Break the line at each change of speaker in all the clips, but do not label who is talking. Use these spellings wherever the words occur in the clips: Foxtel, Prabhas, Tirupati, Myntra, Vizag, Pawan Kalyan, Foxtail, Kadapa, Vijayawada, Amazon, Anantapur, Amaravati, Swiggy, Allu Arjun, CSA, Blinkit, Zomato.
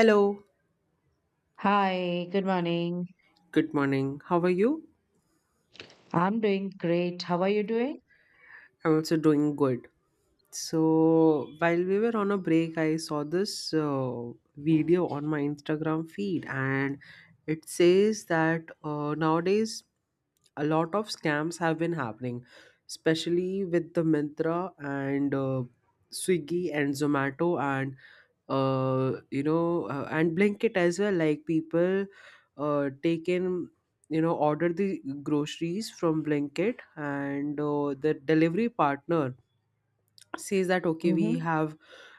Hello.
Hi, good morning.
Good morning. How are you?
I'm doing great. How are you doing?
I'm also doing good. So, while we were on a break, I saw this video on my Instagram feed, and it says that nowadays a lot of scams have been happening, especially with the Myntra and Swiggy and Zomato and you know and Blinkit as well. Like, people taken, order the groceries from Blinkit and the delivery partner says that, okay, we
Hmm.
have,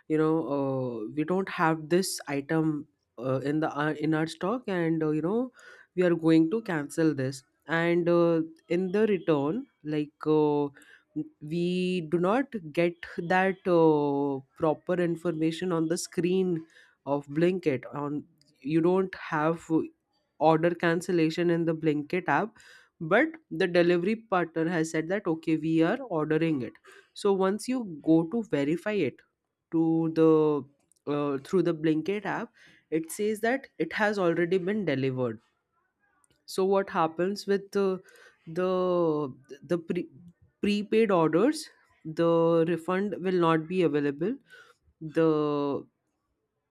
we don't have this item in our stock, and we are going to cancel this, and in the return, like, we do not get that proper information on the screen of Blinkit. On, you don't have order cancellation in the Blinkit app, but the delivery partner has said that, okay, we are ordering it. So once you go to verify it to the through the Blinkit app, it says that it has already been delivered. So what happens with the the prepaid orders, the refund will not be available. The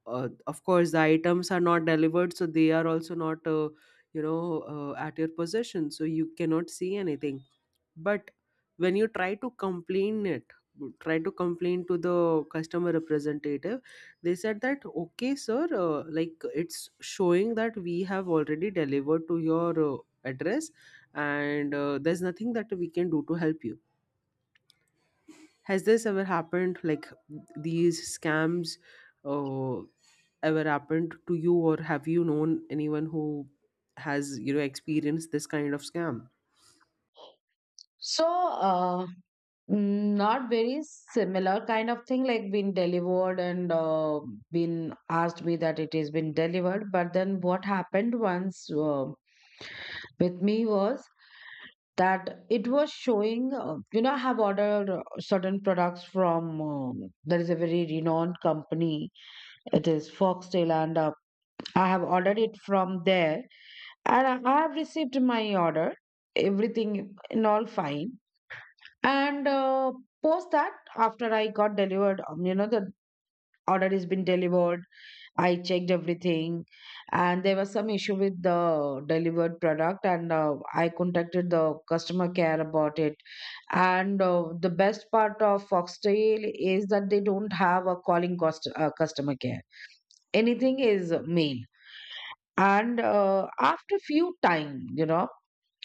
Of course, the items are not delivered, so they are also not at your possession, so you cannot see anything. But when you try to complain it, try to complain to the customer representative, they said that, okay, sir, like, it's showing that we have already delivered to your address, and there's nothing that we can do to help you. Has this ever happened, like, these scams uh, ever happened to you, or have you known anyone who has experienced this kind of scam?
So, not very similar kind of thing, like been delivered and been asked me that it has been delivered. But then what happened once with me was that it was showing, I have ordered certain products from, there is a very renowned company. It is Foxtail, and I have ordered it from there. And I have received my order, everything in all fine, and post that, after I got delivered, the order has been delivered, I checked everything, and there was some issue with the delivered product, and I contacted the customer care about it. And the best part of Foxtail is that they don't have a calling cost customer care, anything is mail. And after few time,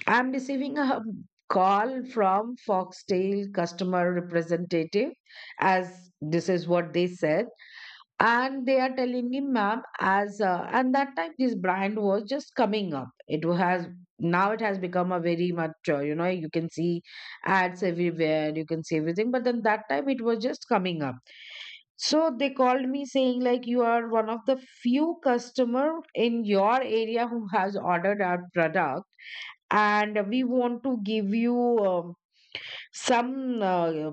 I'm receiving a call from Foxtel customer representative, as this is what they said. And they are telling me, ma'am, as and that time this brand was just coming up. It has now it has become a very much, you can see ads everywhere, you can see everything. But then that time it was just coming up. So they called me saying like, you are one of the few customer in your area who has ordered our product, and we want to give you, some, uh,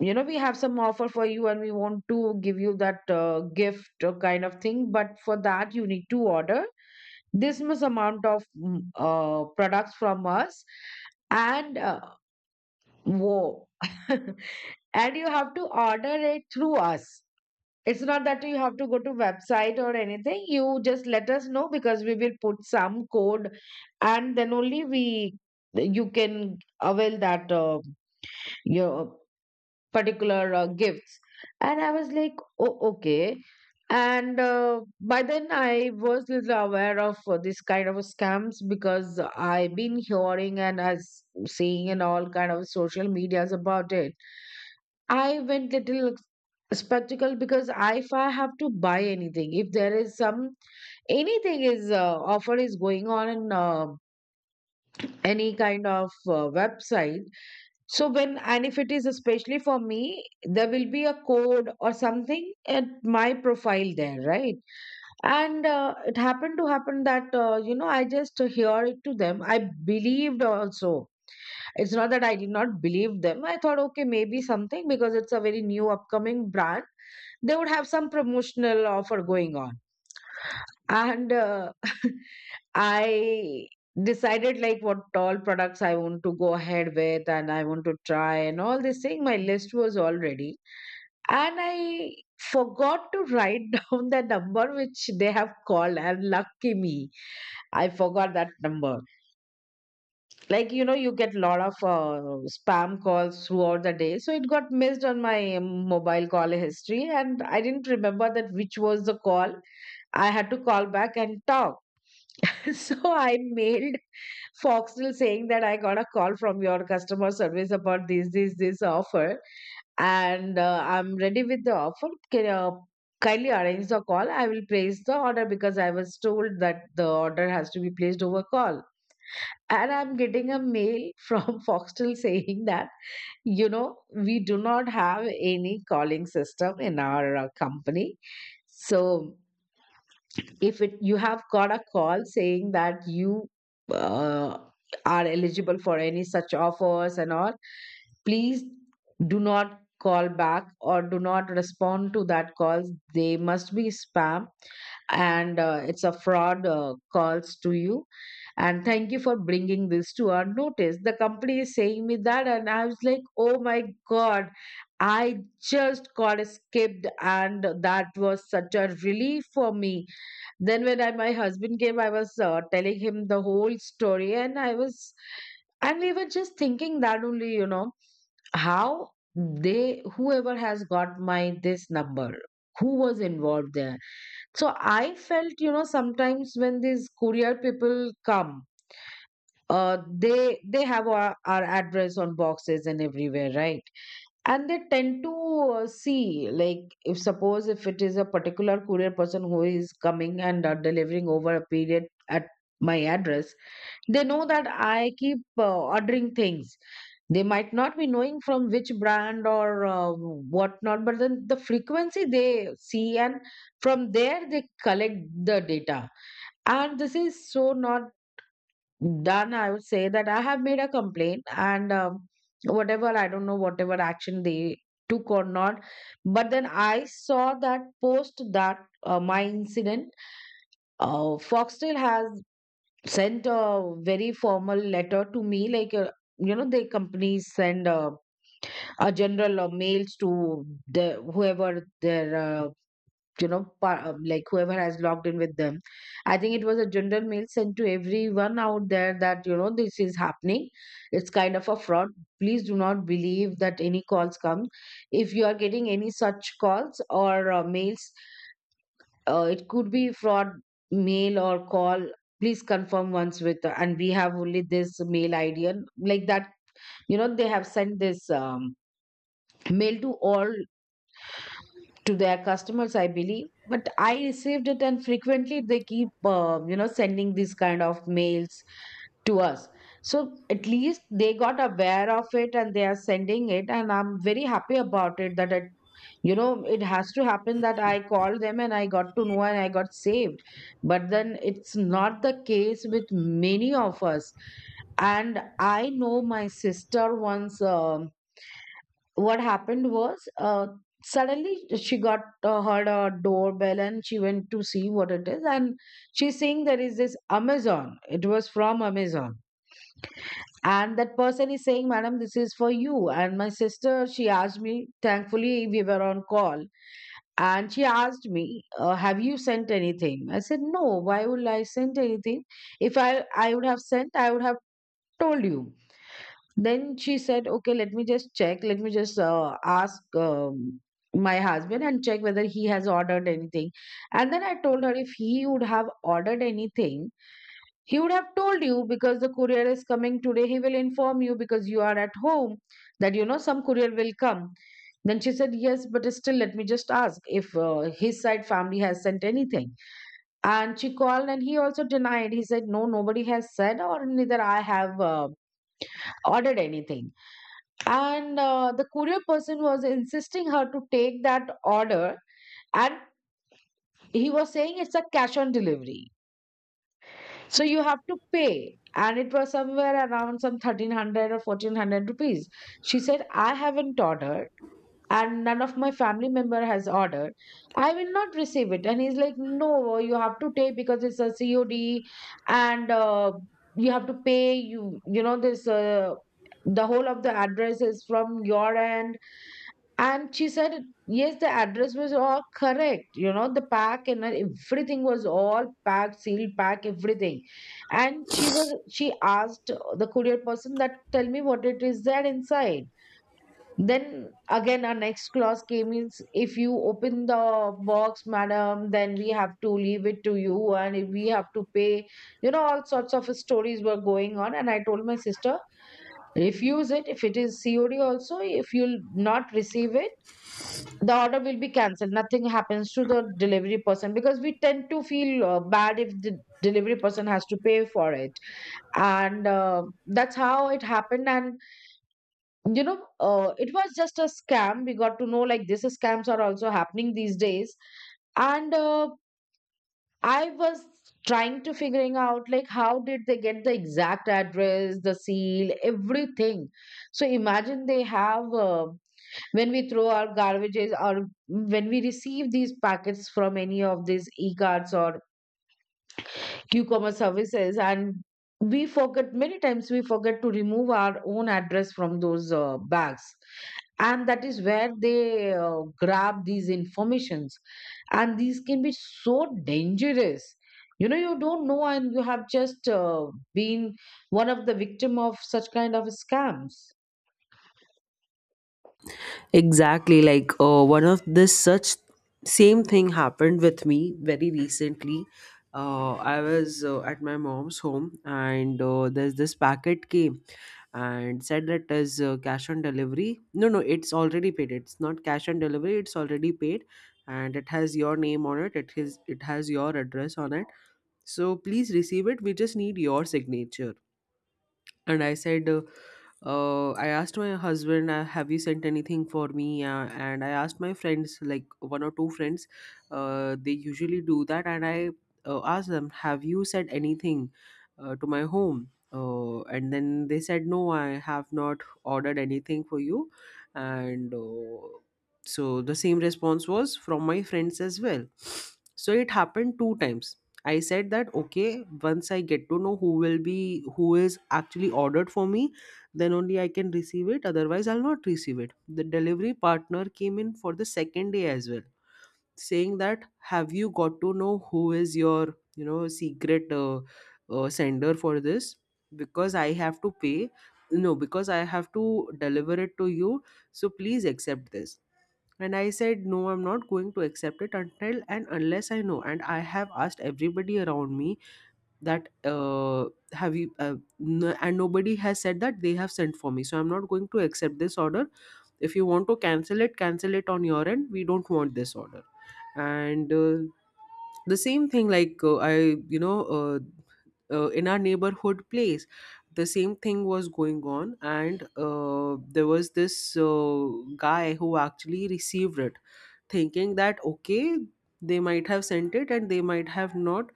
you know we have some offer for you and we want to give you that, gift kind of thing, but for that you need to order this much amount of products from us. And whoa, and you have to order it through us. It's not that you have to go to website or anything. You just let us know, because we will put some code, and then only we you can avail that, your particular, gifts. And I was like, oh, okay. And by then, I was little aware of this kind of scams, because I've been hearing and as seeing in all kind of social medias about it. I went little spectacle, because if I have to buy anything, if there is some anything is offer is going on in any kind of website, so when, and if it is especially for me, there will be a code or something at my profile there, right? And it happened to happen that, I just hear it to them. I believed also. It's not that I did not believe them. I thought, okay, maybe something, because it's a very new upcoming brand, they would have some promotional offer going on. And I decided like what all products I want to go ahead with, and I want to try, and all this thing, my list was already, and I forgot to write down the number which they have called. And lucky me, I forgot that number. Like, you get lot of spam calls throughout the day, so it got missed on my, mobile call history, and I didn't remember that which was the call I had to call back and talk. So I mailed Foxtel saying that I got a call from your customer service about this offer, and I'm ready with the offer. Can kindly arrange the call? I will place the order, because I was told that the order has to be placed over call. And I'm getting a mail from Foxtel saying that, we do not have any calling system in our, company. So if it you have got a call saying that you uh, are eligible for any such offers and all, please do not call back or do not respond to that calls, they must be spam. And it's a fraud calls to you. And thank you for bringing this to our notice, the company is saying me that. And I was like, oh my god, I just got skipped, and that was such a relief for me. Then when my husband came, I was telling him the whole story, and I was and we were just thinking that only, how they, whoever has got my this number, who was involved there. So I felt, sometimes when these courier people come, they have our address on boxes and everywhere, right? And they tend to see like, if suppose if it is a particular courier person who is coming and delivering over a period at my address, they know that I keep ordering things. They might not be knowing from which brand or whatnot, but then the frequency they see, and from there they collect the data. And this is so not done, I would say. That I have made a complaint and, whatever, I don't know whatever action they took or not. But then I saw that post that my incident, Foxtel has sent a very formal letter to me. Like, the companies send a general mails to the whoever their, like whoever has logged in with them. I think it was a general mail sent to everyone out there that, this is happening, it's kind of a fraud, please do not believe that any calls come. If you are getting any such calls or mails, it could be fraud mail or call, please confirm once with, and we have only this mail ID. And like that, they have sent this, mail to all, to their customers, I believe. But I received it, and frequently they keep sending these kind of mails to us. So at least they got aware of it, and they are sending it, and I'm very happy about it. That it, it has to happen that I called them and I got to know and I got saved. But then it's not the case with many of us. And I know my sister once, what happened was, suddenly she got heard a doorbell, and she went to see what it is. And she's saying there is this Amazon, it was from Amazon. And that person is saying, madam, this is for you. And my sister, she asked me, thankfully we were on call, and she asked me, have you sent anything? I said, no, why would I send anything? If I would have sent, I would have told you. Then she said, okay, let me just check. Let me just ask, my husband and check whether he has ordered anything. And then I told her, if he would have ordered anything, he would have told you, because the courier is coming today. He will inform you, because you are at home, that, you know, some courier will come. Then she said, yes, but still, let me just ask if his side family has sent anything. And she called, and he also denied. He said, no, nobody has said, or neither I have ordered anything. And the courier person was insisting her to take that order. And he was saying it's a cash on delivery, so you have to pay. And it was somewhere around some 1300 or 1400 rupees. She said, I haven't ordered, and none of my family member has ordered, I will not receive it. And he's like, no, you have to take, because it's a COD, and you have to pay, you know this, the whole of the address is from your end. And she said, yes, the address was all correct. You know, the pack and everything was all packed, sealed, pack, everything. And she asked the courier person, that tell me what it is there inside. Then again, our next clause came in. If you open the box, madam, then we have to leave it to you and we have to pay. You know, all sorts of stories were going on. And I told my sister, refuse it. If it is COD also, if you'll not receive it, the order will be cancelled. Nothing happens to the delivery person, because we tend to feel bad if the delivery person has to pay for it. And that's how it happened. And you know It was just a scam. We got to know like these scams are also happening these days. And I was trying to figuring out like how did they get the exact address, the seal, everything. So imagine, they have, when we throw our garbages or when we receive these packets from any of these e-cards or q-commerce services, and we forget to remove our own address from those bags, and that is where they grab these informations. And these can be so dangerous. You know, you don't know, and you have just been one of the victim of such kind of scams.
Exactly. Like, one of this such same thing happened with me very recently. I was at my mom's home, and there's this packet came and said that, is cash on delivery? No, no, it's already paid. It's not cash on delivery. It's already paid, and it has your name on it. It is. It has your address on it. So please receive it. We just need your signature. And I said, I asked my husband, have you sent anything for me? And I asked my friends, like, one or two friends, they usually do that. And I asked them, have you sent anything to my home? And then they said, no, I have not ordered anything for you. And so the same response was from my friends as well. So it happened two times. I said that, okay, once I get to know who will be, who is actually ordered for me, then only I can receive it. Otherwise, I'll not receive it. The delivery partner came in for the second day as well, saying that, have you got to know who is your, secret sender for this, because I have to pay, no, because I have to deliver it to you, so please accept this. And I said, no, I'm not going to accept it until and unless I know, and I have asked everybody around me that, have you uh, and nobody has said that they have sent for me, so I'm not going to accept this order. If you want to cancel it, cancel it on your end. We don't want this order. And the same thing, like, I you know in our neighborhood place, the same thing was going on. And there was this guy who actually received it, thinking that, okay, they might have sent it and they might have not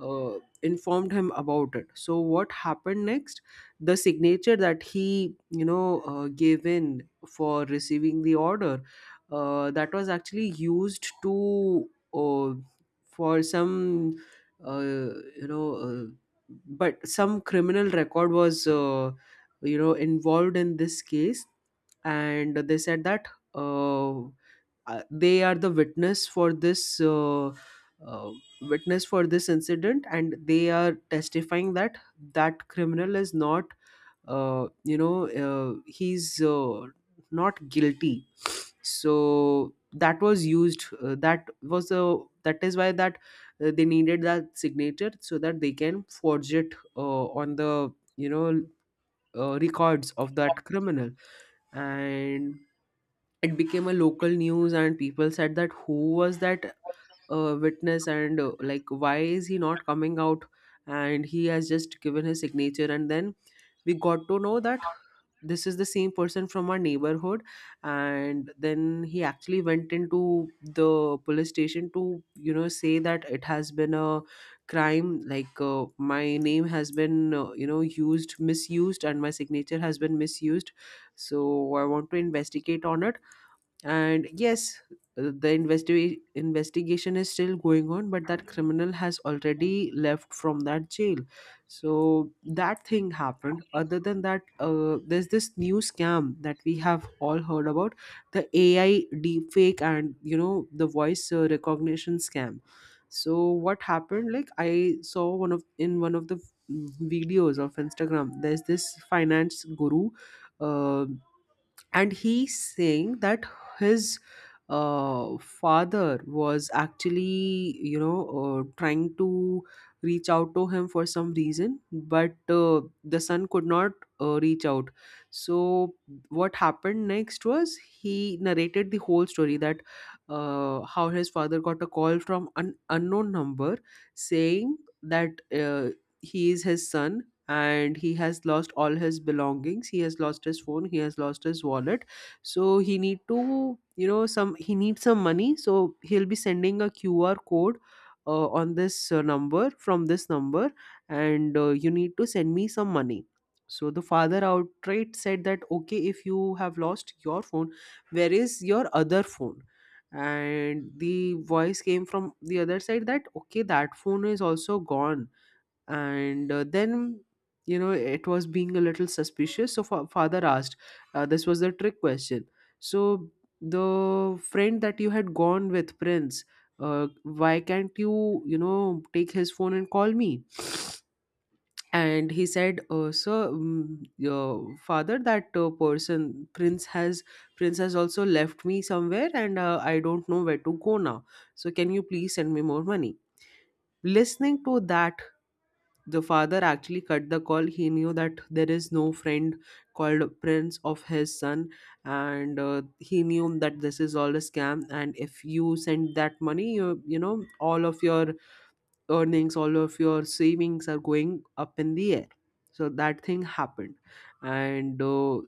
informed him about it. So what happened next? The signature that he, gave in for receiving the order, that was actually used to, uh, for some, uh, you know uh, but some criminal record was involved in this case. And they said that, uh, they are the witness for this, uh, witness for this incident, and they are testifying that that criminal is not, he's not guilty. So that was used, that was a, that is why that they needed that signature, so that they can forge it on the, you know records of that criminal. And it became a local news, and people said that, who was that witness, and like, why is he not coming out? And he has just given his signature, and then we got to know that this is the same person from our neighborhood. And then he actually went into the police station to, say that it has been a crime, like, my name has been, used, misused, and my signature has been misused, so I want to investigate on it. And yes, investigation is still going on, but that criminal has already left from that jail. So that thing happened. Other than that, there's this new scam that we have all heard about, the AI deepfake and, you know, the voice recognition scam. So what happened? Like, I saw one of, in one of the, videos of Instagram, there's this finance guru. Um and he's saying that his father was actually, trying to reach out to him for some reason, but the son could not reach out. So what happened next was, he narrated the whole story that how his father got a call from an unknown number, saying that uh, he is his son, and he has lost all his belongings, he has lost his phone, he has lost his wallet, so he need to, some, he needs some money, so he'll be sending a QR code on this number, from this number, and you need to send me some money. So the father outright said that, okay, if you have lost your phone, where is your other phone? And the voice came from the other side that, okay, that phone is also gone. And then, you know, it was being a little suspicious, so father asked, this was the trick question, so, the friend that you had gone with, Prince, why can't you, you know take his phone and call me? And he said, sir, your father, that person Prince has also left me somewhere, and I don't know where to go now, so can you please send me more money? Listening to that, the father actually cut the call. He knew that there is no friend called Prince of his son, and he knew that this is all a scam. And if you send that money, you know, all of your earnings, all of your savings are going up in the air. So that thing happened. And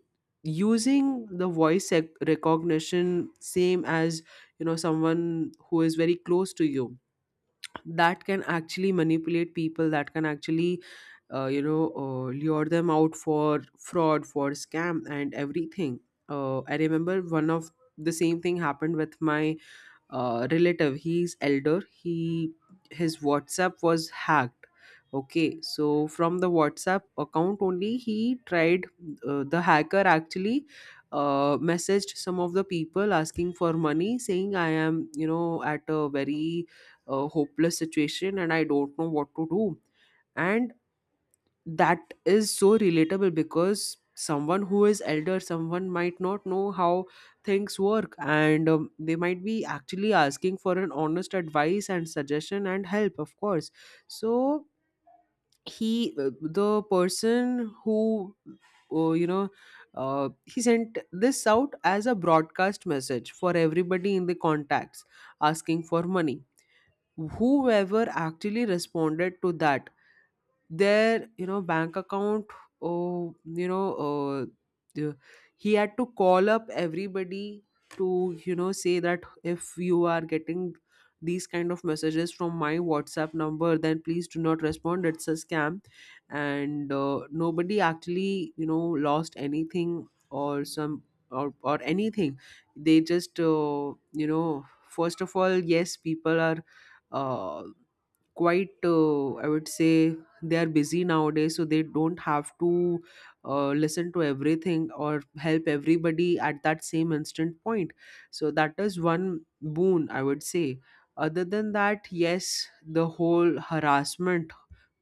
using the voice recognition, same as, you know, someone who is very close to you, that can actually manipulate people, that can actually, lure them out, for fraud, for scam, and everything. I remember one of, the same thing happened with my relative. He's elder. He His WhatsApp was hacked. Okay, so from the WhatsApp account only, he tried, the hacker actually messaged some of the people asking for money, saying, I am, you know, at a very hopeless situation, and I don't know what to do. And that is so relatable, because someone who is elder, someone might not know how things work, and they might be actually asking for an honest advice and suggestion and help, of course. So he, the person who, uh, you know he sent this out as a broadcast message for everybody in the contacts, asking for money. Whoever actually responded to that, their, you know, bank account, oh, you know, uh, the- he had to call up everybody, to, you know, say that if you are getting these kind of messages from my WhatsApp number, then please do not respond, it's a scam. And nobody actually, you know, lost anything, or some, or anything. They just, you know, first of all, yes, people are, uh, quite, I would say, they are busy nowadays, so they don't have to listen to everything, or help everybody at that same instant point. So that is one boon, I would say. Other than that, yes, the whole harassment,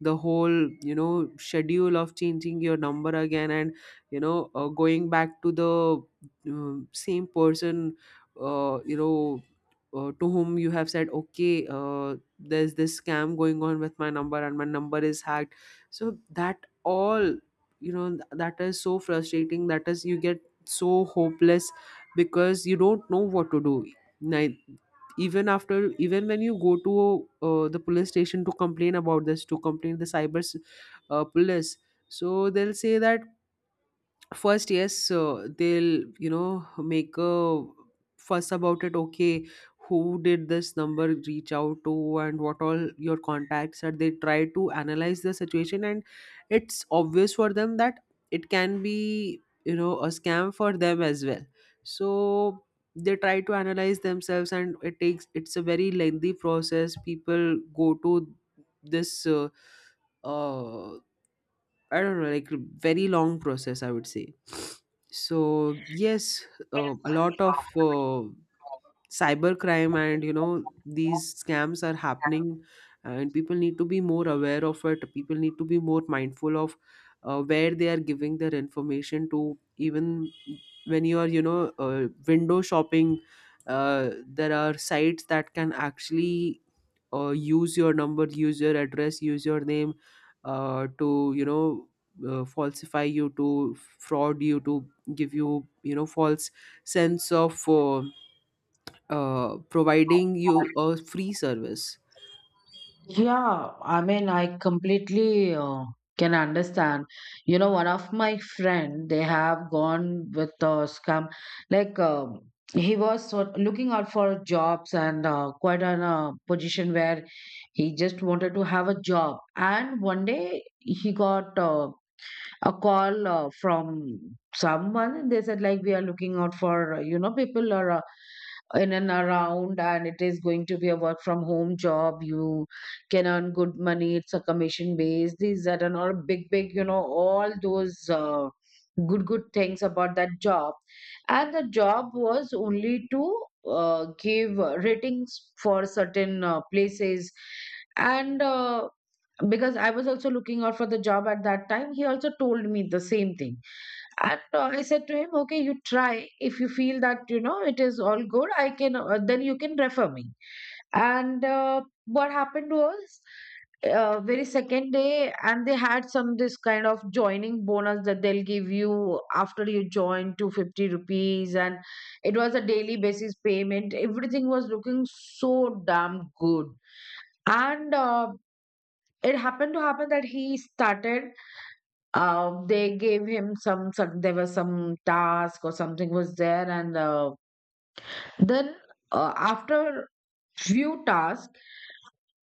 the whole, you know, schedule of changing your number again, and, you know, going back to the, same person, you know, to whom you have said, okay, there's this scam going on with my number, and my number is hacked, so that, all, that is so frustrating, that is, you get so hopeless because you don't know what to do. Ni- Even after, even when you go to the police station to complain about this, to complain the police, so they'll say that, first, yes, they'll, you know, make a fuss about it, okay, who did this number reach out to, and what all your contacts are. They try to analyze the situation, and it's obvious for them that it can be, you know, a scam for them as well. So they try to analyze themselves, and it takes, it's a very lengthy process, people go to this, uh, I don't know, like, very long process, I would say. So yes, a lot of cybercrime and, you know, these scams are happening, and people need to be more aware of it, people need to be more mindful of where they are giving their information to, even when you are, you know, window shopping, there are sites that can actually use your number, use your address, use your name, to, you know, falsify you, to fraud you, to give you, you know, false sense of, providing you a free service.
Yeah, I mean, I completely can understand. You know, one of my friend, they have gone with the scam. Like, he was sort looking out for jobs and quite on a position where he just wanted to have a job. And one day he got a call from someone. And They said like we are looking out for, you know, people or in and around, and it is going to be a work from home job. You can earn good money. It's a commission based, these that and all, big big, you know, all those good good things about that job. And the job was only to give ratings for certain places. And because I was also looking out for the job at that time, he also told me the same thing. And I said to him, okay, you try. If you feel that, you know, it is all good, I can, then you can refer me. And what happened was, very second day, and they had some this kind of joining bonus that they'll give you after you join, 250 rupees. And it was a daily basis payment. Everything was looking so damn good. And it happened to happen that he started, they gave him some, there was some task or something was there, and then after few tasks,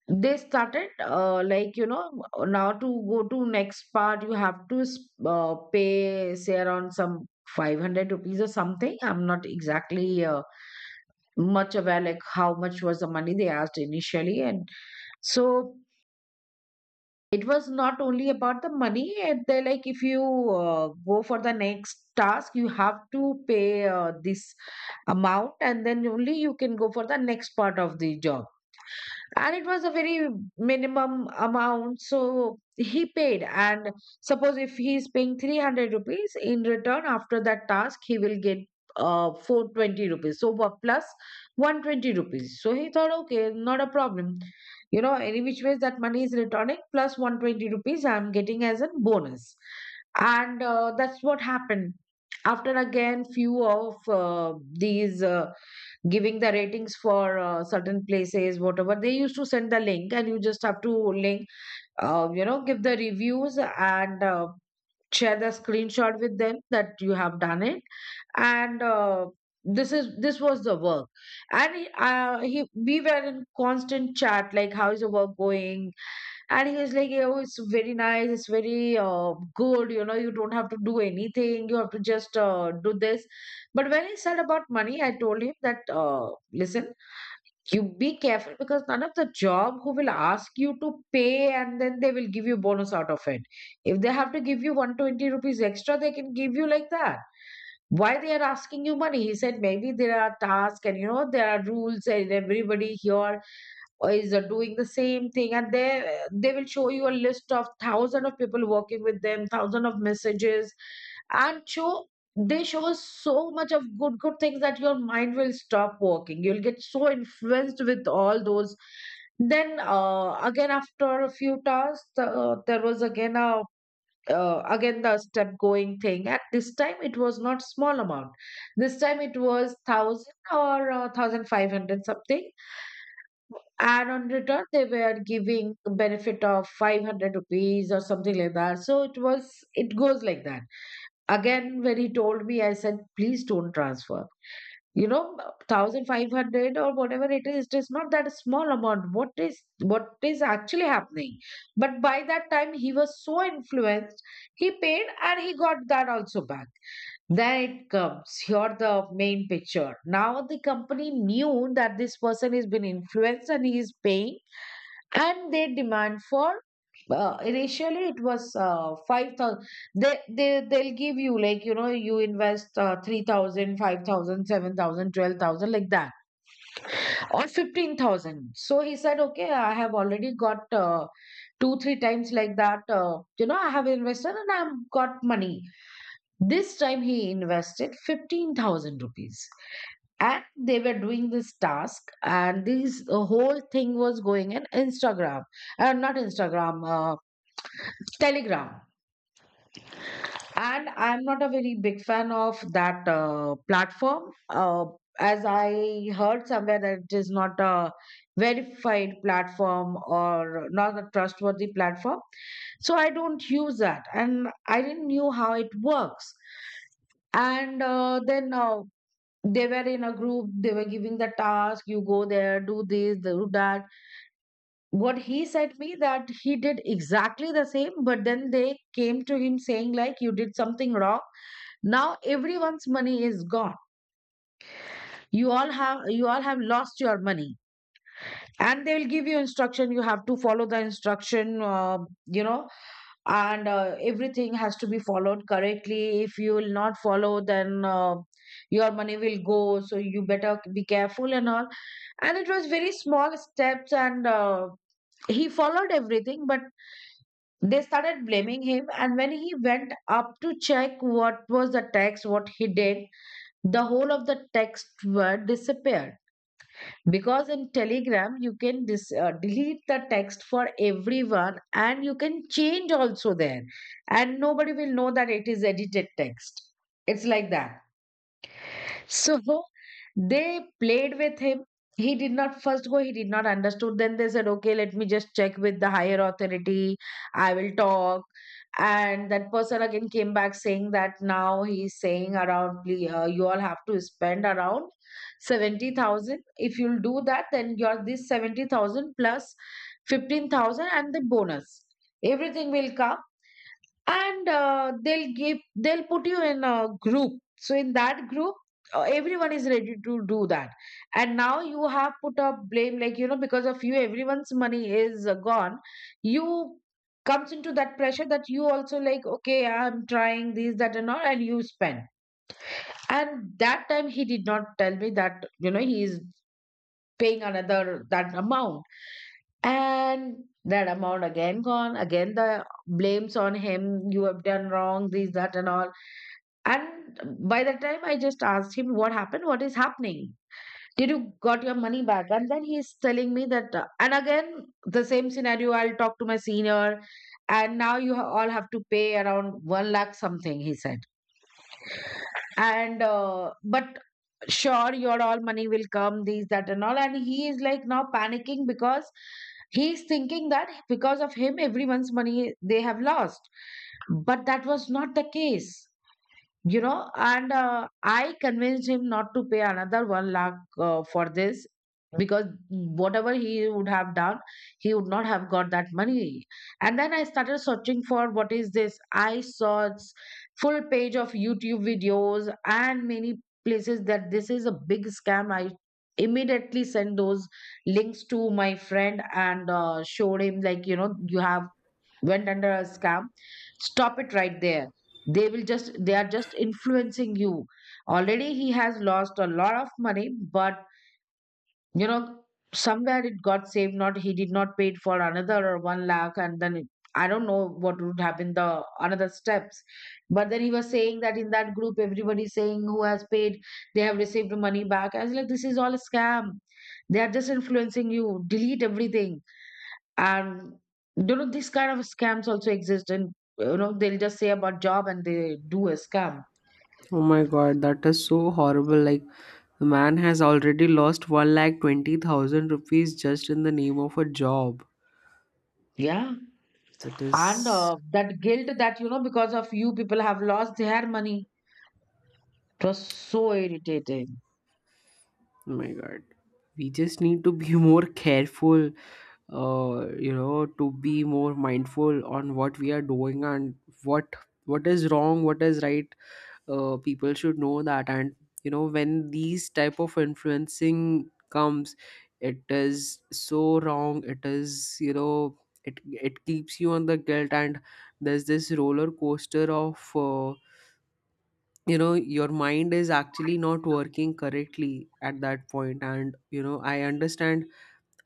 they started, like, you know, now to go to next part, you have to pay say around some 500 rupees or something. I'm not exactly much aware like how much was the money they asked initially. And so it was not only about the money, and they're like, if you go for the next task, you have to pay this amount, and then only you can go for the next part of the job. And it was a very minimum amount, so he paid. And suppose if he is paying 300 rupees, in return after that task he will get 420 rupees, so what plus 120 rupees. So he thought, okay, not a problem. You know, any which ways that money is returning, plus 120 rupees I'm getting as a bonus. And that's what happened. After again few of these, giving the ratings for certain places, whatever they used to send the link, and you just have to link, you know, give the reviews, and, share the screenshot with them that you have done it. And this was the work. And he we were in constant chat like how is the work going. And he was like, "Oh, it's very nice. It's very good. You know, you don't have to do anything. You have to just do this." But when he said about money, I told him that, "Listen, you be careful, because none of the job who will ask you to pay and then they will give you bonus out of it. If they have to give you 120 rupees extra, they can give you like that. Why they are asking you money?" He said, maybe there are tasks and you know there are rules and everybody here or is doing the same thing, and they will show you a list of thousand of people working with them, thousand of messages. And show They show so much of good good things that your mind will stop working, you'll get so influenced with all those. Then, again after a few tasks, there was again a again the step going thing. At this time it was not small amount, this time it was 1000 or 1500 something, and on return they were giving a benefit of 500 rupees or something like that. So it was, it goes like that. Again when he told me, I said, please don't transfer, you know, 1500 or whatever it is, it is not that small amount. What is actually happening? But by that time he was so influenced, he paid, and he got that also back. Then it comes here, the main picture. Now the company knew that this person has been influenced and he is paying, and they demand for, initially it was 5000. They'll give you like, you know, you invest 3000 like that, or 15,000. So he said, okay, I have already got, two three times like that, you know, I have invested and I've got money. This time he invested 15,000 rupees. And they were doing this task, and this, the whole thing was going in Instagram. And not Instagram, Telegram. And I'm not a very big fan of that platform, as I heard somewhere that it is not a verified platform or not a trustworthy platform. So I don't use that, and I didn't knew how it works. And then they were in a group, they were giving the task, you go there, do this, do that. What he said me, that he did exactly the same. But then they came to him saying like, you did something wrong, now everyone's money is gone. You all have lost your money. And they will give you instruction, you have to follow the instruction, you know and everything has to be followed correctly. If you will not follow, then your money will go, so you better be careful and all. And it was very small steps, and he followed everything. But they started blaming him, and when he went up to check what was the text, what he did, the whole of the text were disappeared. Because in Telegram you can delete the text for everyone, and you can change also there, and nobody will know that it is edited text. It's like that. So they played with him. He did not first go, he did not understood. Then they said, okay, let me just check with the higher authority, I will talk. And that person again came back saying that now he's saying around, You all have to spend around 70,000. If you'll do that, then your this 70,000 plus 15,000 and the bonus, everything will come." And they'll give, they'll put you in a group, so in that group everyone is ready to do that. And now you have put up blame, like, you know, because of you everyone's money is gone. You comes into that pressure that you also like, okay, I'm trying, this that and all, and you spend. And that time he did not tell me that, you know, he is paying another that amount. And that amount again gone, again the blames on him, you have done wrong, this, that, and all. And by the time I just asked him, what happened? What is happening? Did you got your money back? And then he's telling me that, and again the same scenario, I'll talk to my senior, and now all have to pay around one lakh something, he said. And but sure your all money will come, these that and all. And he is like now panicking, because he's thinking that because of him everyone's money they have lost. But that was not the case, you know. And I convinced him not to pay another 1 lakh for this, because whatever he would have done, he would not have got that money. And then I started searching for what is this. I saw full page of YouTube videos and many places that this is a big scam. I immediately sent those links to my friend, and showed him like, you know, you have went under a scam, stop it right there, they are just influencing you. Already he has lost a lot of money, but, you know, somewhere it got saved, not, he did not pay it for another or one lakh. And then it, I don't know what would happen, the another steps. But then he was saying that in that group everybody saying who has paid, they have received money back. I was like, this is all a scam, they are just influencing you, delete everything. And, you know, these kind of scams also exist, and, you know, they'll just say about job and they do a scam.
Oh my God, that is so horrible. Like, the man has already lost 1 lakh 20,000 rupees just in the name of a job.
Yeah.
That
and
is.
uh, that guilt, that, you know, because of you people have lost their money, it was so irritating.
Oh my God. We just need to be more careful, you know, to be more mindful on what we are doing, and what what is wrong, what is right, people should know that. And, you know, when these type of influencing comes, it is so wrong, it is, you know, it keeps you on the guilt. And there's this roller coaster of, you know, your mind is actually not working correctly at that point, and, you know, I understand.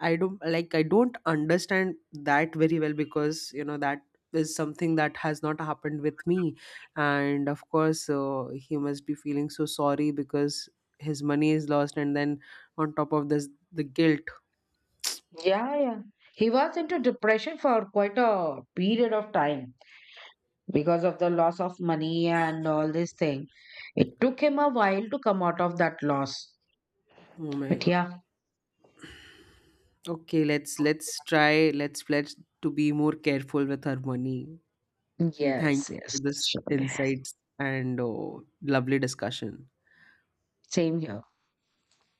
I don't, like, I don't understand that very well, because, you know, that is something that has not happened with me. And of course, he must be feeling so sorry, because his money is lost, and then on top of this, the guilt.
Yeah, yeah, he was into depression for quite a period of time, because of the loss of money and all this thing. It took him a while to come out of that loss.
Oh my
But
God.
yeah.
Okay, let's try, let's pledge to be more careful with our money, and thank
Yes,
you
yes,
for this
sure.
insights, and, oh, lovely discussion.
Same here.